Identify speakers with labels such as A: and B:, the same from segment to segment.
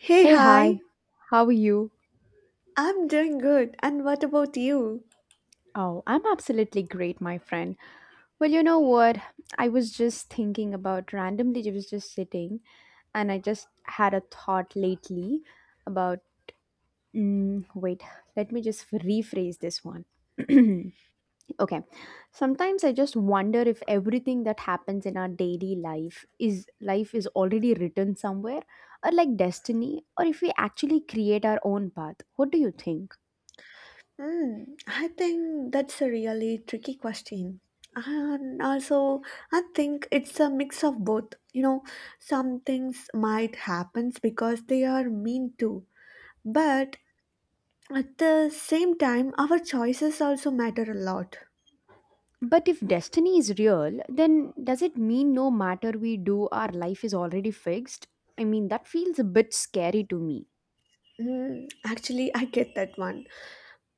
A: Hey,
B: Hey, hi,
A: hi.
B: how are you?
A: I'm doing good. And what about you?
B: Oh, I'm absolutely great, my friend. Well, you know what? I was just thinking about randomly, I was just sitting and I just had a thought lately about, wait, let me just rephrase this one. Okay. Sometimes I just wonder if everything that happens in our daily life is already written somewhere, or like destiny, or if we actually create our own path. What do you think?
A: I think that's a really tricky question. And also, I think it's a mix of both. Some things might happen because they are mean to, but at the same time, our choices also matter a lot.
B: But if destiny is real, then does it mean no matter we do, our life is already fixed? I mean, that feels a bit scary to me.
A: Actually, I get that one.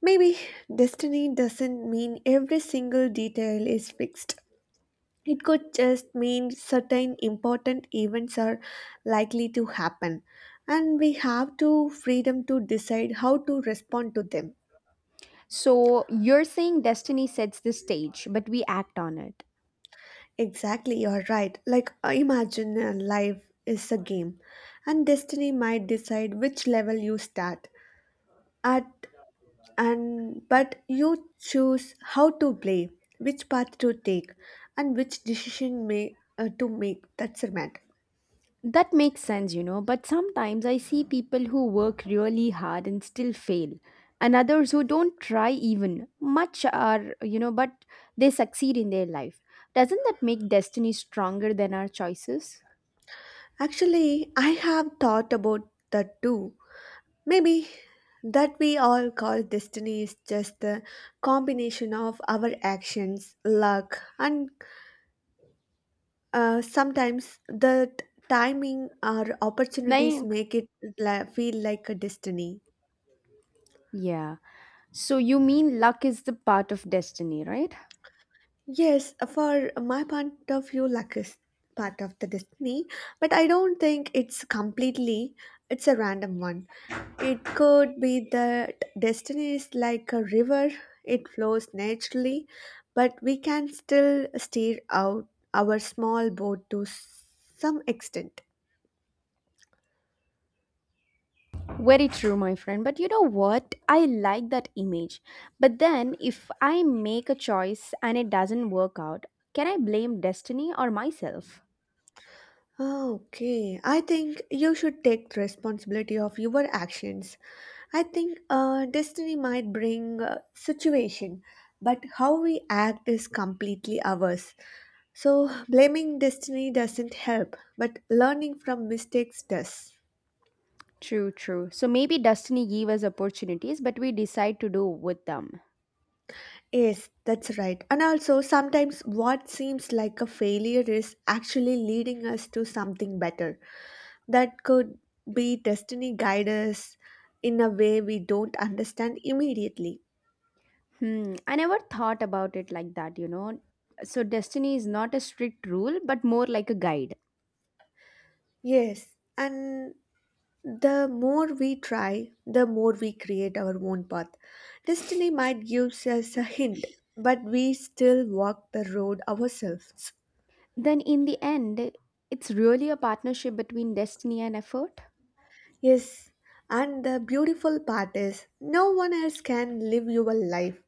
A: Maybe destiny doesn't mean every single detail is fixed. It could just mean certain important events are likely to happen, and we have to freedom to decide how to respond to them.
B: So you're saying destiny sets the stage, but we act on it.
A: Exactly, you're right. Like imagine life is a game, and destiny might decide which level you start at, and but you choose how to play, which path to take, and which decision may to make. That's the matter.
B: That makes sense, you know, but sometimes I see people who work really hard and still fail, and others who don't try even much are, you know, but they succeed in their life. Doesn't that make destiny stronger than our choices?
A: Actually, I have thought about that too. Maybe that we all call destiny is just the combination of our actions, luck, and sometimes the timing or opportunities
B: Nayak.
A: make it feel like a destiny.
B: Yeah. So you mean luck is the part of destiny, right?
A: Yes, for my point of view, luck is part of the destiny, but I don't think it's completely, it's a random one. It could be that destiny is like a river, it flows naturally, but we can still steer out our small boat to some extent.
B: Very true, my friend. But you know what? I like that image. But then if I make a choice and it doesn't work out, can I blame destiny or myself?
A: Okay, I think you should take responsibility of your actions. I think destiny might bring a situation, but how we act is completely ours. So, blaming destiny doesn't help, but learning from mistakes does.
B: True, true. So maybe destiny give us opportunities, but we decide to do with them.
A: Yes, that's right. And also, sometimes what seems like a failure is actually leading us to something better. That could be destiny guide us in a way we don't understand immediately.
B: Hmm, I never thought about it like that, you know. So destiny is not a strict rule, but more like a guide.
A: Yes, and the more we try, the more we create our own path. Destiny might give us a hint, but we still walk the road ourselves.
B: Then in the end, it's really a partnership between destiny and effort.
A: Yes, and the beautiful part is no one else can live your life.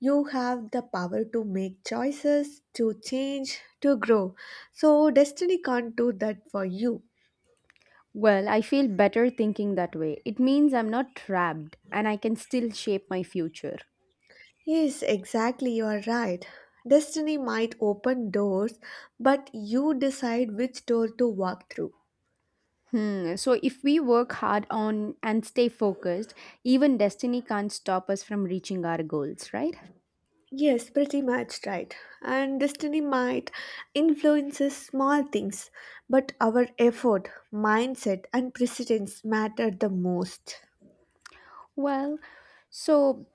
A: You have the power to make choices, to change, to grow. So, destiny can't do that for you.
B: Well, I feel better thinking that way. It means I'm not trapped and I can still shape my future.
A: Yes, exactly, you are right. Destiny might open doors, but you decide which door to walk through.
B: Hmm, so if we work hard on and stay focused, even destiny can't stop us from reaching our goals, right?
A: Yes, pretty much right. And destiny might influences small things, but our effort, mindset, and precedence matter the most.
B: Well, so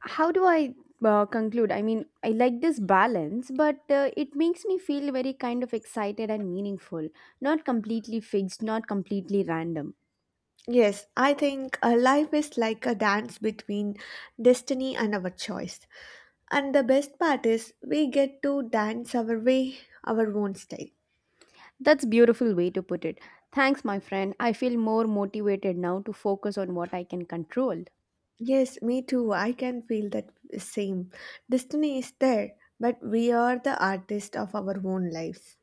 B: how do I conclude? I mean, I like this balance, but it makes me feel very kind of excited and meaningful, not completely fixed, not completely random.
A: Yes, I think life is like a dance between destiny and our choice. And the best part is we get to dance our way, our own style.
B: That's beautiful way to put it. Thanks, my friend. I feel more motivated now to focus on what I can control.
A: Yes, me too. I can feel that same. Destiny is there, but we are the artist of our own lives.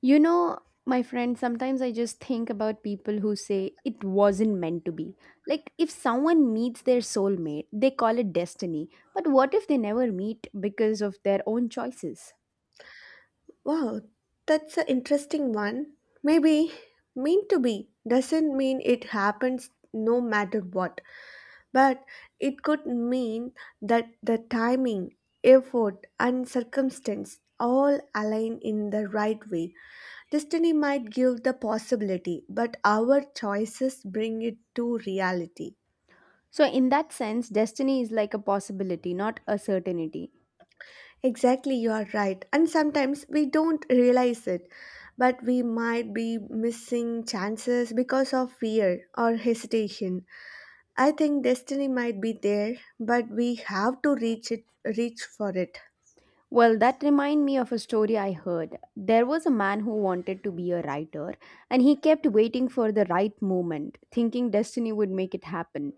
B: You know, my friend, sometimes I just think about people who say it wasn't meant to be. Like, if someone meets their soulmate, they call it destiny. But what if they never meet because of their own choices?
A: Wow, that's an interesting one. Maybe mean to be doesn't mean it happens no matter what. But it could mean that the timing, effort, and circumstance all align in the right way. Destiny might give the possibility, but our choices bring it to reality.
B: So, in that sense, destiny is like a possibility, not a certainty.
A: Exactly, you are right. And sometimes we don't realize it, but we might be missing chances because of fear or hesitation. I think destiny might be there, but we have to reach it reach for it.
B: Well, that remind me of a story I heard. There was a man who wanted to be a writer, and he kept waiting for the right moment, thinking destiny would make it happen.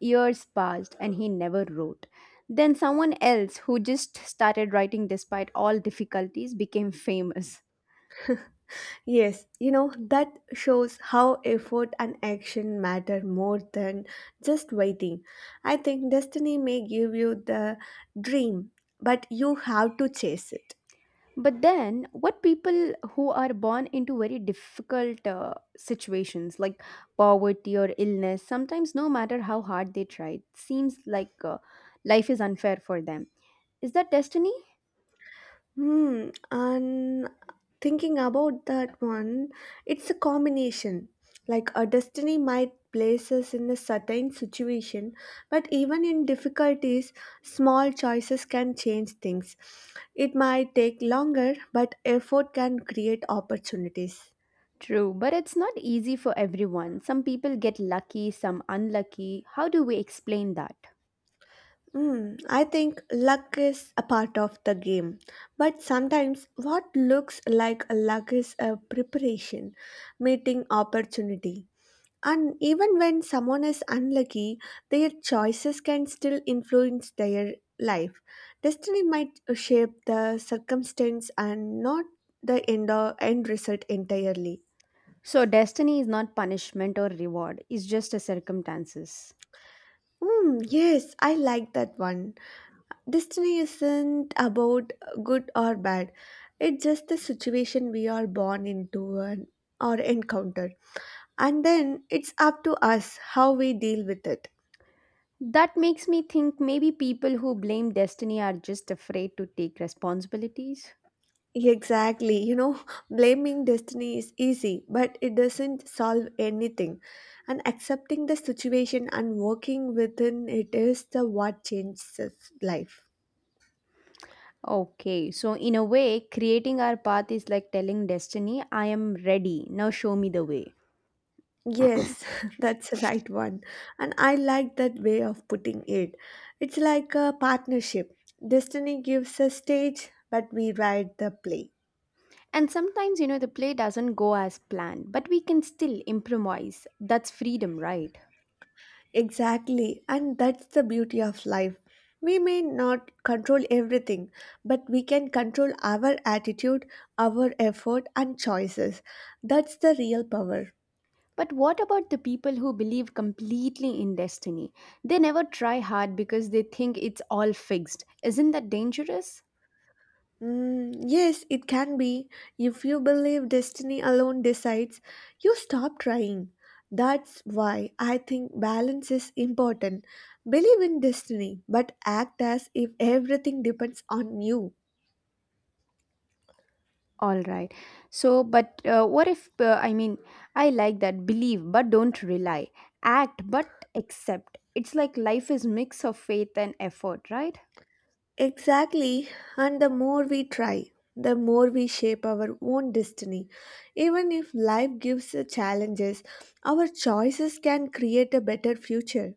B: Years passed, and he never wrote. Then someone else who just started writing despite all difficulties became famous.
A: Yes, that shows how effort and action matter more than just waiting. I think destiny may give you the dream, but you have to chase it.
B: But then, what people who are born into very difficult situations like poverty or illness, sometimes no matter how hard they try, it seems like life is unfair for them. Is that destiny?
A: And thinking about that one, it's a combination. Like a destiny might place us in a certain situation, but even in difficulties, small choices can change things. It might take longer, but effort can create opportunities.
B: True, but it's not easy for everyone. Some people get lucky, some unlucky. How do we explain that?
A: I think luck is a part of the game, but sometimes what looks like luck is a preparation, meeting opportunity. And even when someone is unlucky, their choices can still influence their life. Destiny might shape the circumstance and not the end, or end result entirely.
B: So, destiny is not punishment or reward, it's just a circumstances.
A: Yes, I like that one. Destiny isn't about good or bad, it's just the situation we are born into and, or encounter. And then it's up to us how we deal with it.
B: That makes me think maybe people who blame destiny are just afraid to take responsibilities.
A: Exactly. Blaming destiny is easy, but it doesn't solve anything. And accepting the situation and working within it is the what changes life.
B: Okay, so in a way, creating our path is like telling destiny, I am ready, now show me the way.
A: Yes, that's the right one. And I like that way of putting it. It's like a partnership. Destiny gives a stage, but we write the play.
B: And sometimes, you know, the play doesn't go as planned, but we can still improvise. That's freedom, right?
A: Exactly, and that's the beauty of life. We may not control everything, but we can control our attitude, our effort, and choices. That's the real power.
B: But what about the people who believe completely in destiny? They never try hard because they think it's all fixed. Isn't that dangerous?
A: Yes, it can be. If you believe destiny alone decides, you stop trying. That's why I think balance is important. Believe in destiny, but act as if everything depends on you.
B: All right. So, but what if, I mean, I like that. Believe, but don't rely. Act, but accept. It's like life is mix of faith and effort, right?
A: Exactly, and the more we try, the more we shape our own destiny. Even if life gives us challenges, our choices can create a better future.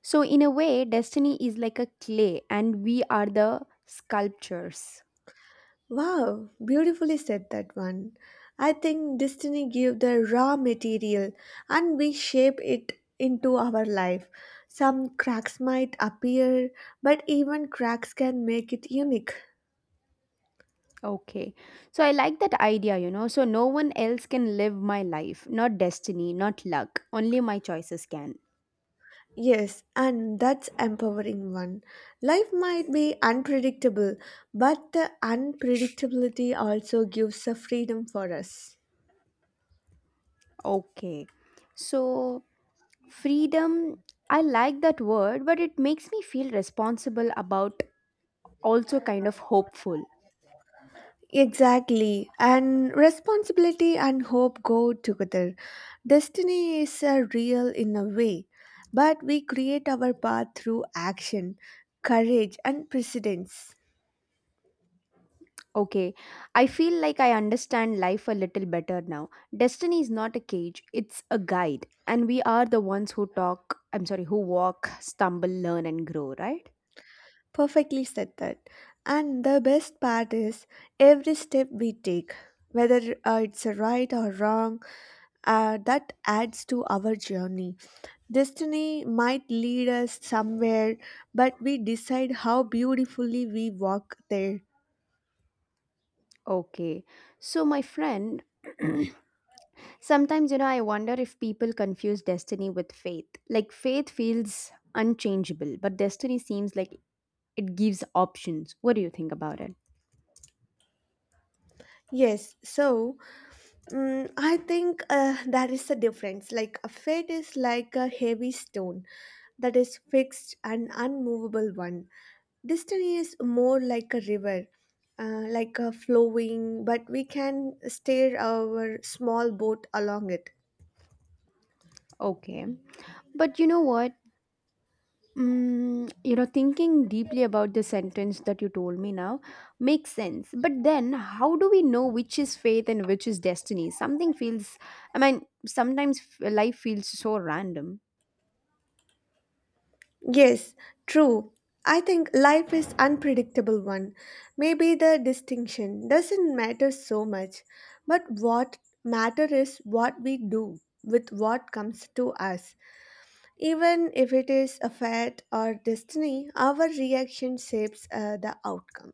B: So, in a way, destiny is like a clay and we are the sculptures.
A: Wow, beautifully said that one. I think destiny gives the raw material and we shape it into our life. Some cracks might appear, but even cracks can make it unique.
B: Okay. So I like that idea, you know. So no one else can live my life, not destiny, not luck. Only my choices can.
A: Yes, and that's empowering one. Life might be unpredictable, but the unpredictability also gives a freedom for us.
B: Okay. So freedom, I like that word, but it makes me feel responsible about also kind of hopeful.
A: Exactly, and responsibility and hope go together. Destiny is a real in a way, but we create our path through action, courage, and precedence.
B: Okay. I feel like I understand life a little better now. Destiny is not a cage, it's a guide. And we are the ones who talk, I'm sorry, who walk, stumble, learn, and grow, right?
A: Perfectly said that. And the best part is every step we take, whether it's right or wrong, that adds to our journey. Destiny might lead us somewhere, but we decide how beautifully we walk there.
B: Okay. So, my friend, sometimes, you know, I wonder if people confuse destiny with faith. Like, faith feels unchangeable, but destiny seems like it gives options. What do you think about it?
A: Yes, so I think there is a difference. Like a fate is like a heavy stone that is fixed and unmovable one. Destiny is more like a river, like a flowing, but we can steer our small boat along it.
B: Okay. But you know what? Mm, you know, thinking deeply about the sentence that you told me now makes sense. But then, how do we know which is faith and which is destiny? Something feels, I mean, sometimes life feels so random.
A: Yes, true. I think life is unpredictable one. Maybe the distinction doesn't matter so much, but what matter is what we do with what comes to us. Even if it is a fate or destiny, our reaction shapes the outcome.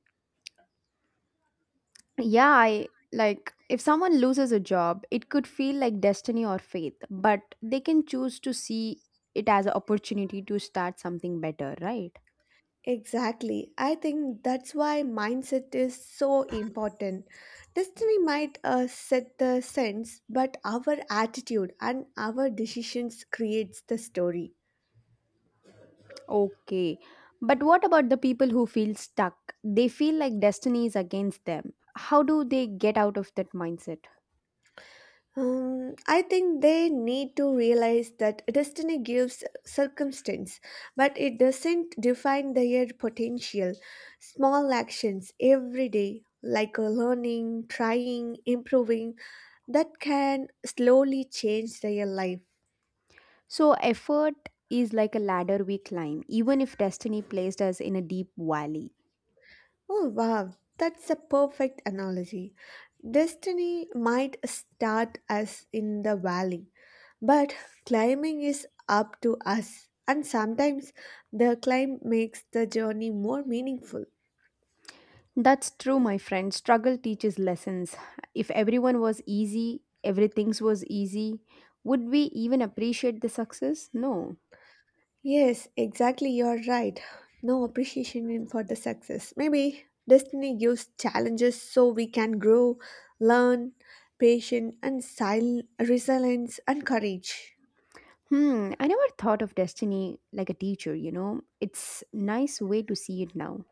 B: Yeah, I like, if someone loses a job, it could feel like destiny or fate, but they can choose to see it as an opportunity to start something better, right?
A: Exactly. I think that's why mindset is so important. Destiny might set the sense, but our attitude and our decisions creates the story.
B: Okay, but what about the people who feel stuck? They feel like destiny is against them. How do they get out of that mindset?
A: I think they need to realize that destiny gives circumstance, but it doesn't define their potential. Small actions every day, like learning, trying, improving, that can slowly change their life.
B: So effort is like a ladder we climb even if destiny placed us in a deep valley.
A: Oh, wow, that's a perfect analogy. Destiny might start us in the valley. But climbing is up to us, and sometimes the climb makes the journey more meaningful.
B: That's true, my friend. Struggle teaches lessons. If everyone was easy, everything was easy, would we even appreciate the success? No.
A: Yes, exactly, you're right. No appreciation in- for the success. Maybe destiny gives challenges so we can grow, learn, patience, and resilience and courage.
B: Hmm, I never thought of destiny like a teacher, you know. It's nice way to see it now.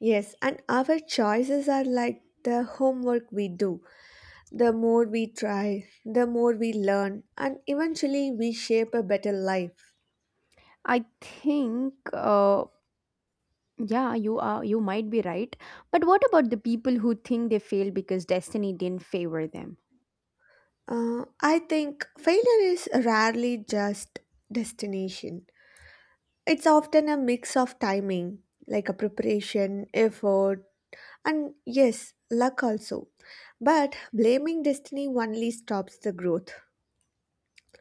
A: Yes, and our choices are like the homework we do. The more we try, the more we learn, and eventually we shape a better life.
B: I think yeah, you might be right. But what about the people who think they fail because destiny didn't favor them?
A: I think failure is rarely just destination. It's often a mix of timing, like a preparation, effort, and yes, luck also. But blaming destiny only stops the growth.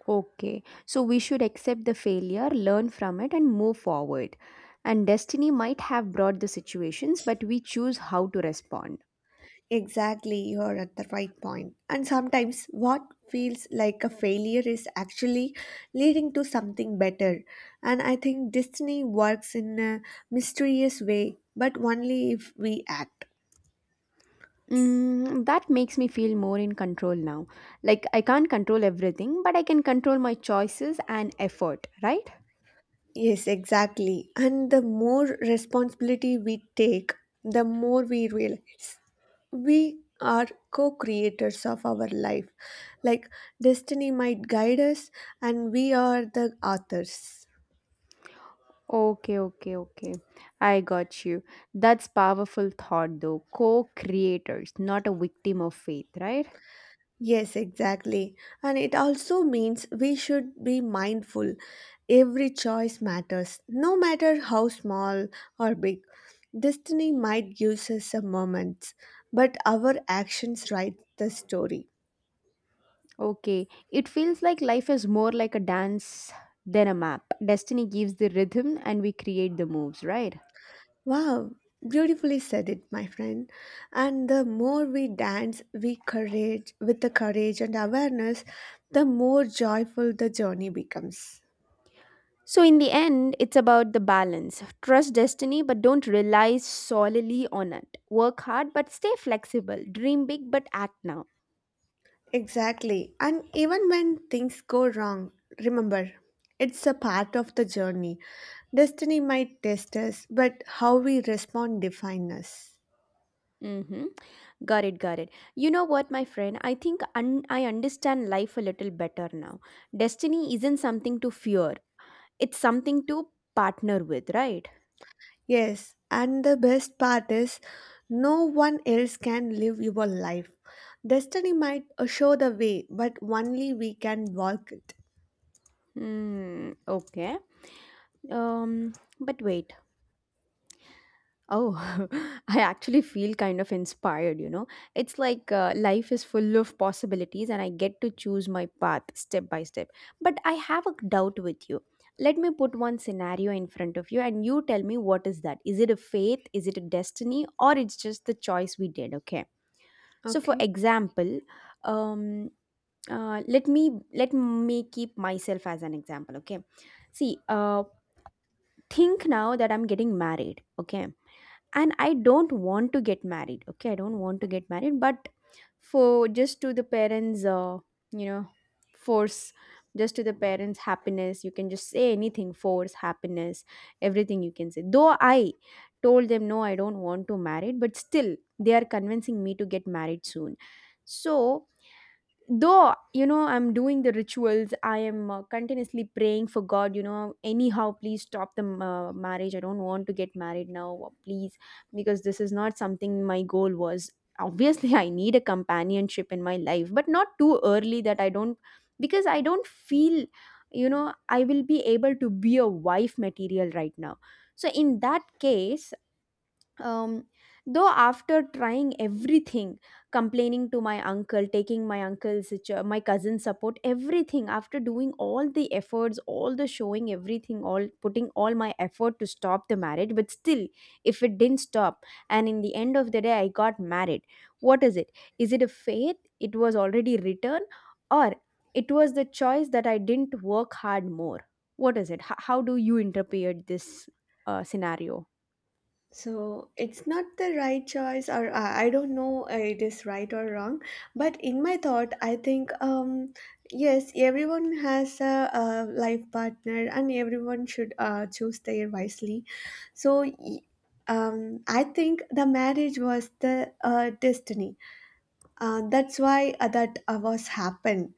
B: Okay, so we should accept the failure, learn from it, and move forward. And destiny might have brought the situations, but we choose how to respond.
A: Exactly, you're at the right point. And sometimes what feels like a failure is actually leading to something better. And I think destiny works in a mysterious way, but only if we act.
B: Mm, that makes me feel more in control now. Like, I can't control everything, but I can control my choices and effort, right?
A: Yes, exactly. And the more responsibility we take, the more we realize we are co creators of our life. Like destiny might guide us, and we are the authors.
B: Okay, okay, okay. I got you. That's powerful thought though. Co-creators, not a victim of faith, right?
A: Yes, exactly. And it also means we should be mindful. Every choice matters, no matter how small or big. Destiny might give us a moment, but our actions write the story.
B: Okay, it feels like life is more like a dance than a map. Destiny gives the rhythm and we create the moves, right?
A: Wow, beautifully said it, my friend. And the more we dance we courage with the courage and awareness, the more joyful the journey becomes.
B: So, in the end, it's about the balance. Trust destiny, but don't rely solely on it. Work hard, but stay flexible. Dream big, but act now.
A: Exactly. And even when things go wrong, remember, it's a part of the journey. Destiny might test us, but how we respond defines us.
B: Mm-hmm. Got it, got it. You know what, my friend? I think I understand life a little better now. Destiny isn't something to fear, it's something to partner with, right?
A: Yes, and the best part is no one else can live your life. Destiny might show the way, but only we can walk it.
B: Hmm, okay. Um, but wait. Oh, I actually feel kind of inspired, you know. It's like life is full of possibilities and I get to choose my path step by step. But I have a doubt with you. Let me put one scenario in front of you and you tell me what is that? Is it a faith? Is it a destiny? Or it's just the choice we did, okay? So for
A: Okay.
B: example, um let me keep myself as an example, okay? See, think now that I'm getting married, okay, and I don't want to get married, okay, I don't want to get married, but for just to the parents, you know, force, just to the parents happiness, you can just say anything, force happiness, everything you can say, though I told them no, I don't want to marry, but still they are convincing me to get married soon. So, though, you know, I'm doing the rituals, I am continuously praying for god, you know, anyhow please stop the marriage, I don't want to get married now, please, because this is not something my goal was. Obviously, I need a companionship in my life, but not too early. That I don't, because I don't feel, you know, I will be able to be a wife material right now. So in that case, um, though after trying everything, complaining to my uncle, taking my uncle's my cousin's support, everything, after doing all the efforts, all the showing everything, all putting all my effort to stop the marriage, but still, if it didn't stop, and in the end of the day I got married, what is it? Is it a faith? It was already written, or it was the choice that I didn't work hard more? What is it? How do you interpret this scenario?
A: So it's not the right choice, or I don't know it is right or wrong. But in my thought, I think yes, everyone has a life partner, and everyone should choose their wisely. So I think the marriage was the destiny. That's why that was happened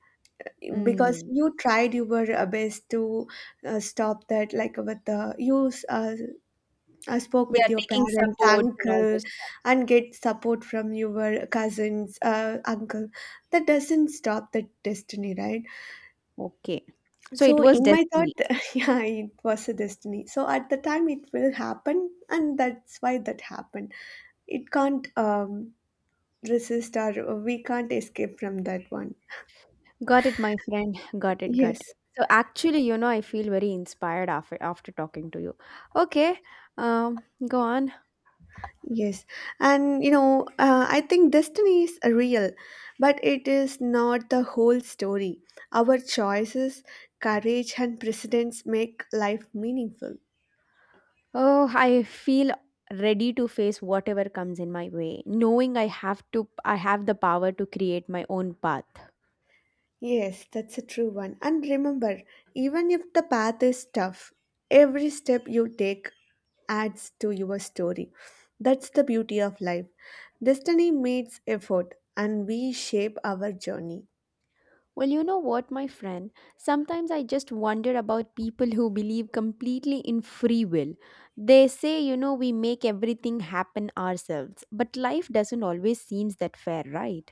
A: because
B: Mm.
A: you tried your best to stop that like with the you spoke
B: Yeah,
A: with your
B: taking
A: parents
B: supports and all
A: uncle
B: those stuff.
A: and get support from your cousins uncle. That doesn't stop the destiny, right?
B: Okay. So it
A: So
B: was
A: in my thought
B: destiny.
A: yeah, it was a destiny, so at the time it will happen and that's why that happened. It can't resist or we can't escape from that one.
B: Got it, my friend. Got it, got it.
A: Yes.
B: So actually, you know, I feel very inspired after talking to you. Okay. Go on.
A: Yes, and you know, I think destiny is real, but it is not the whole story. Our choices, courage, and precedents make life meaningful.
B: Oh, I feel ready to face whatever comes in my way, knowing I have the power to create my own path.
A: Yes, that's a true one. And remember, even if the path is tough, every step you take adds to your story. That's the beauty of life. Destiny meets effort, and we shape our journey.
B: Well, you know what, my friend? Sometimes I just wonder about people who believe completely in free will. They say, you know, we make everything happen ourselves, but life doesn't always seem that fair, right?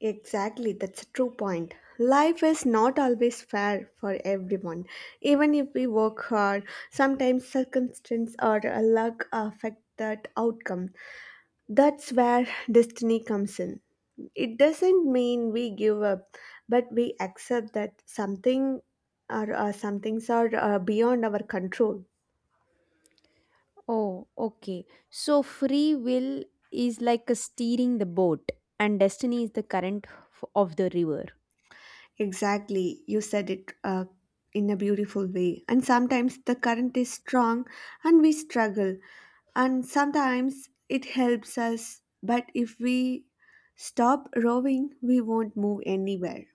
A: Exactly, that's a true point. Life is not always fair for everyone. Even if we work hard, sometimes circumstance or luck affect that outcome. That's where destiny comes in. It doesn't mean we give up, but we accept that something or some things are beyond our control.
B: Oh, okay. So free will is like a steering the boat and destiny is the current of the river.
A: Exactly, you said it in a beautiful way. And sometimes the current is strong and we struggle, and sometimes it helps us, but if we stop rowing, we won't move anywhere.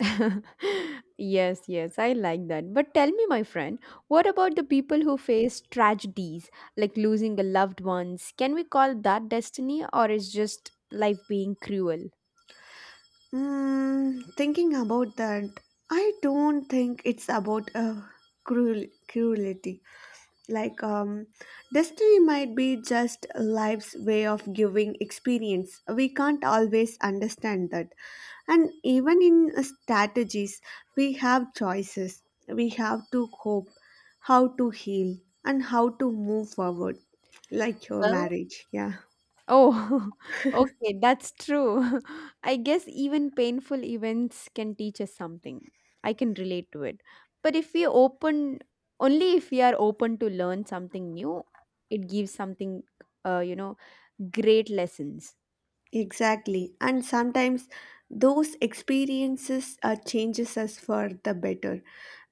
B: Yes, yes, I like that. But tell me, my friend, what about the people who face tragedies like losing a loved ones? Can we call that destiny or is just life being cruel?
A: Mm, thinking about that, I don't think it's about cruel cruelty. Like, destiny might be just life's way of giving experience. We can't always understand that. And even in strategies, we have choices. We have to cope, how to heal, and how to move forward, like your
B: Well,
A: marriage. Yeah,
B: oh, okay, that's true. I guess even painful events can teach us something. I can relate to it. But if we open, only if we are open to learn something new, it gives something, uh, you know, great lessons.
A: exactly. And sometimes those experiences changes us for the better,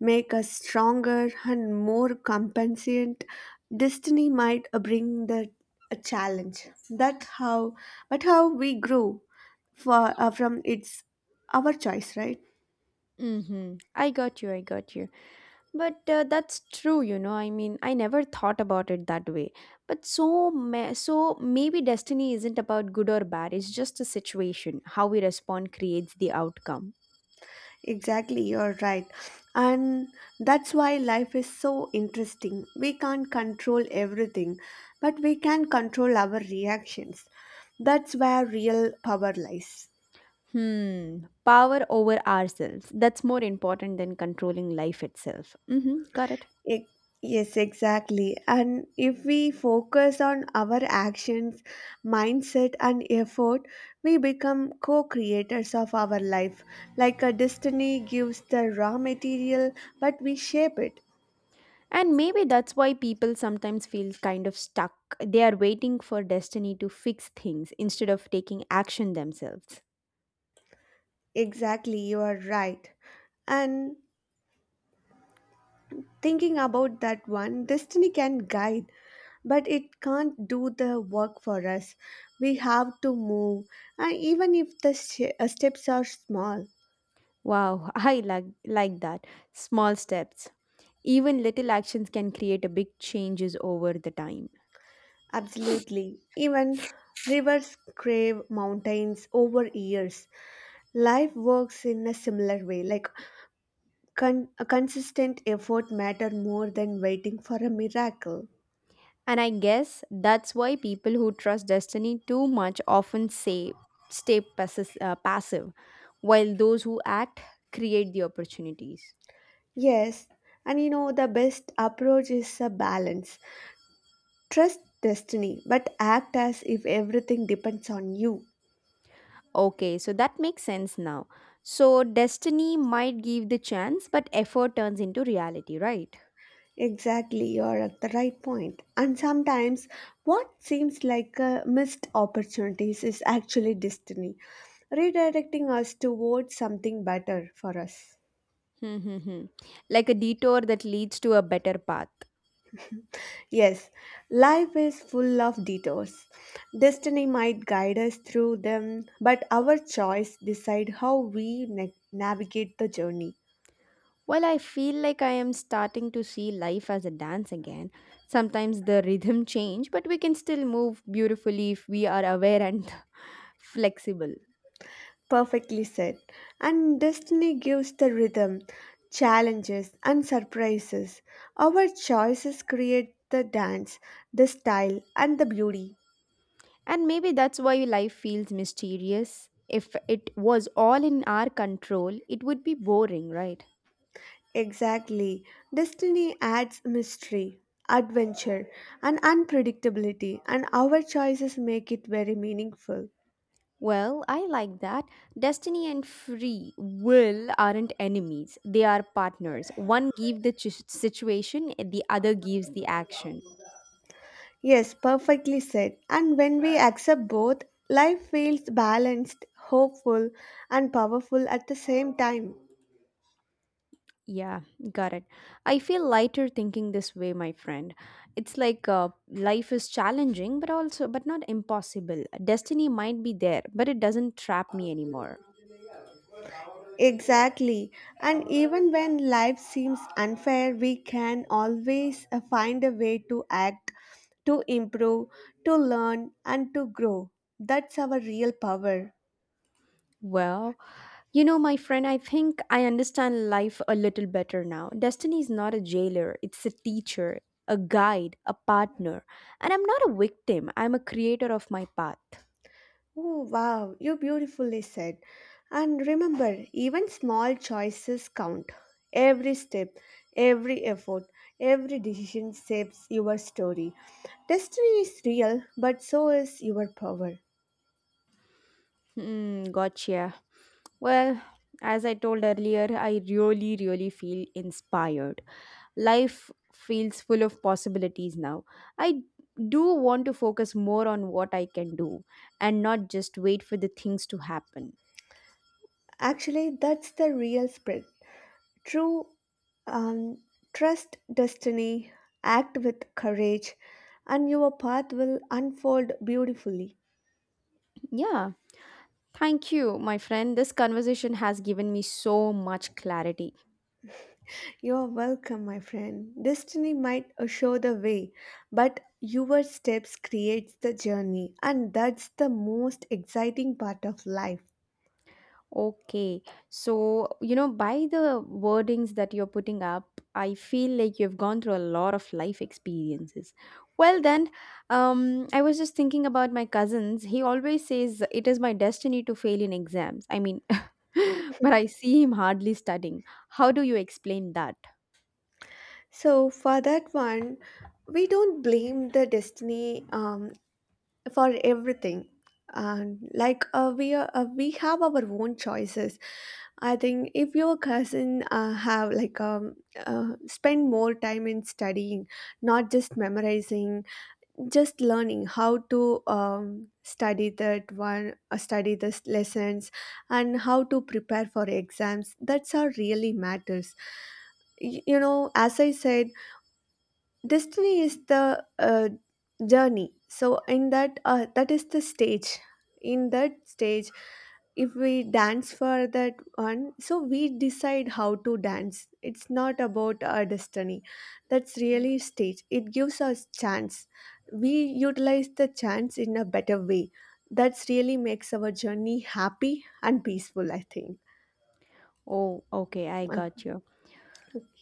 A: make us stronger and more compensant. Destiny might bring the a challenge. That how, but how we grow for from it's our choice, right?
B: Mm-hmm. I got you. I got you. But that's true. I mean, I never thought about it that way. But so, so maybe destiny isn't about good or bad. It's just a situation. How we respond creates the outcome.
A: Exactly, you're right. And that's why life is so interesting. We can't control everything, but we can control our reactions. That's where real power lies.
B: Hmm. Power over ourselves. That's more important than controlling life itself. Mm-hmm. Got it.
A: E- Yes, exactly. And if we focus on our actions, mindset, and effort, we become co creators of our life. Like a destiny gives the raw material, but we shape it.
B: And maybe that's why people sometimes feel kind of stuck. They are waiting for destiny to fix things instead of taking action themselves.
A: Exactly, you are right. And thinking about that one, destiny can guide, but it can't do the work for us. We have to move, and even if the steps are small,
B: Wow, I like that. Small steps. Even little actions can create a big changes over the time.
A: absolutely. Even rivers crave mountains over years. Life works in a similar way, like a consistent effort matter more than waiting for a miracle.
B: And I guess that's why people who trust destiny too much often say stay passive, while those who act create the opportunities.
A: Yes, and you know the best approach is a balance. Trust destiny, but act as if everything depends on you.
B: Okay, so that makes sense now. So destiny might give the chance, but effort turns into reality, right?
A: Exactly, you're at the right point. And sometimes what seems like missed opportunities is actually destiny, redirecting us towards something better for us.
B: Hmm, hmm, hmm. Like a detour that leads to a better path.
A: Yes, life is full of detours. Destiny might guide us through them, but our choice decide how we navigate the journey.
B: Well, I feel like I am starting to see life as a dance again. Sometimes the rhythm change, but we can still move beautifully if we are aware and flexible.
A: Perfectly said. And destiny gives the rhythm, challenges, and surprises. Our choices create the dance, the style, and the beauty.
B: And maybe that's why life feels mysterious. If it was all in our control, it would be boring, right?
A: Exactly. Destiny adds mystery, adventure, and unpredictability, and our choices make it very meaningful.
B: Well, I like that. Destiny and free will aren't enemies, they are partners. One gives the situation, the other gives the action.
A: Yes, perfectly said. And when we accept both, life feels balanced, hopeful, and powerful at the same time.
B: Yeah, got it. I feel lighter thinking this way, my friend. It's like life is challenging, but also, but not impossible. Destiny might be there, but it doesn't trap me anymore.
A: Exactly. And even when life seems unfair, we can always find a way to act, to improve, to learn, and to grow. That's our real power.
B: Well, you know, my friend, I think I understand life a little better now. Destiny is not a jailer, it's a teacher, a guide, a partner. And I'm not a victim, I'm a creator of my path.
A: Oh, wow, you beautifully said. And remember, even small choices count. Every step, every effort, every decision shapes your story. Destiny is real, but so is your power.
B: Hmm, gotcha. Well, as I told earlier, I really, really feel inspired. Life feels full of possibilities now. I do want to focus more on what I can do and not just wait for the things to happen.
A: Actually, that's the real true, um, trust destiny, act with courage, and your path will unfold beautifully.
B: Yeah. Thank you, my friend. This conversation has given me so much clarity.
A: You are welcome, my friend. Destiny might show the way, but your steps creates the journey, and that's the most exciting part of life.
B: Okay. So, you know, by the wordings that you're putting up, I feel like you've gone through a lot of life experiences. Well, then, I was just thinking about my cousins. He always says it is my destiny to fail in exams. I mean, but I see him hardly studying. How do you explain that?
A: So for that one, we don't blame the destiny for everything. And we are, we have our own choices. I think if your cousin have spend more time in studying, not just memorizing, just learning how to study that one, study the lessons, and how to prepare for exams. That's how really matters. You know, as I said, destiny is the journey. So in that that is the stage, in that stage, if we dance for that one, so we decide how to dance, it's not about our destiny, that's really stage, it gives us chance, we utilize the chance in a better way, that's really makes our journey happy and peaceful, I think.
B: Oh, okay, I got you.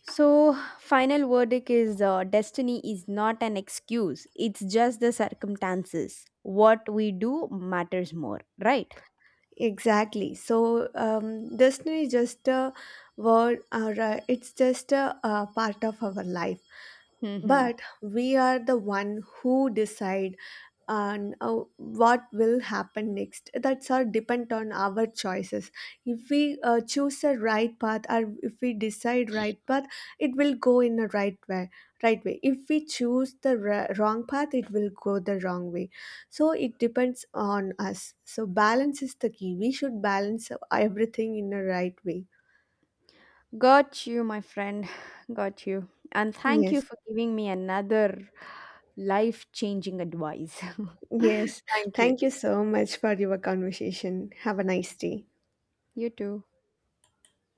B: So, final verdict is destiny is not an excuse, it's just the circumstances. What we do matters more, right?
A: Exactly. So destiny is just a word, or it's just a, uh, part of our life.
B: Hmm.
A: But we are the one who decide, and what will happen next, that's all depend on our choices. If we choose a right path, or if we decide right path, it will go in a right way, right way. If we choose the wrong path, it will go the wrong way. So it depends on us, so balance is the key, we should balance everything in a right way.
B: Got you, my friend. Got you. And thank you
A: Yes,
B: for giving me another life changing advice.
A: yes,
B: Thank you.
A: thank you so much for your conversation. Have a nice day.
B: You too.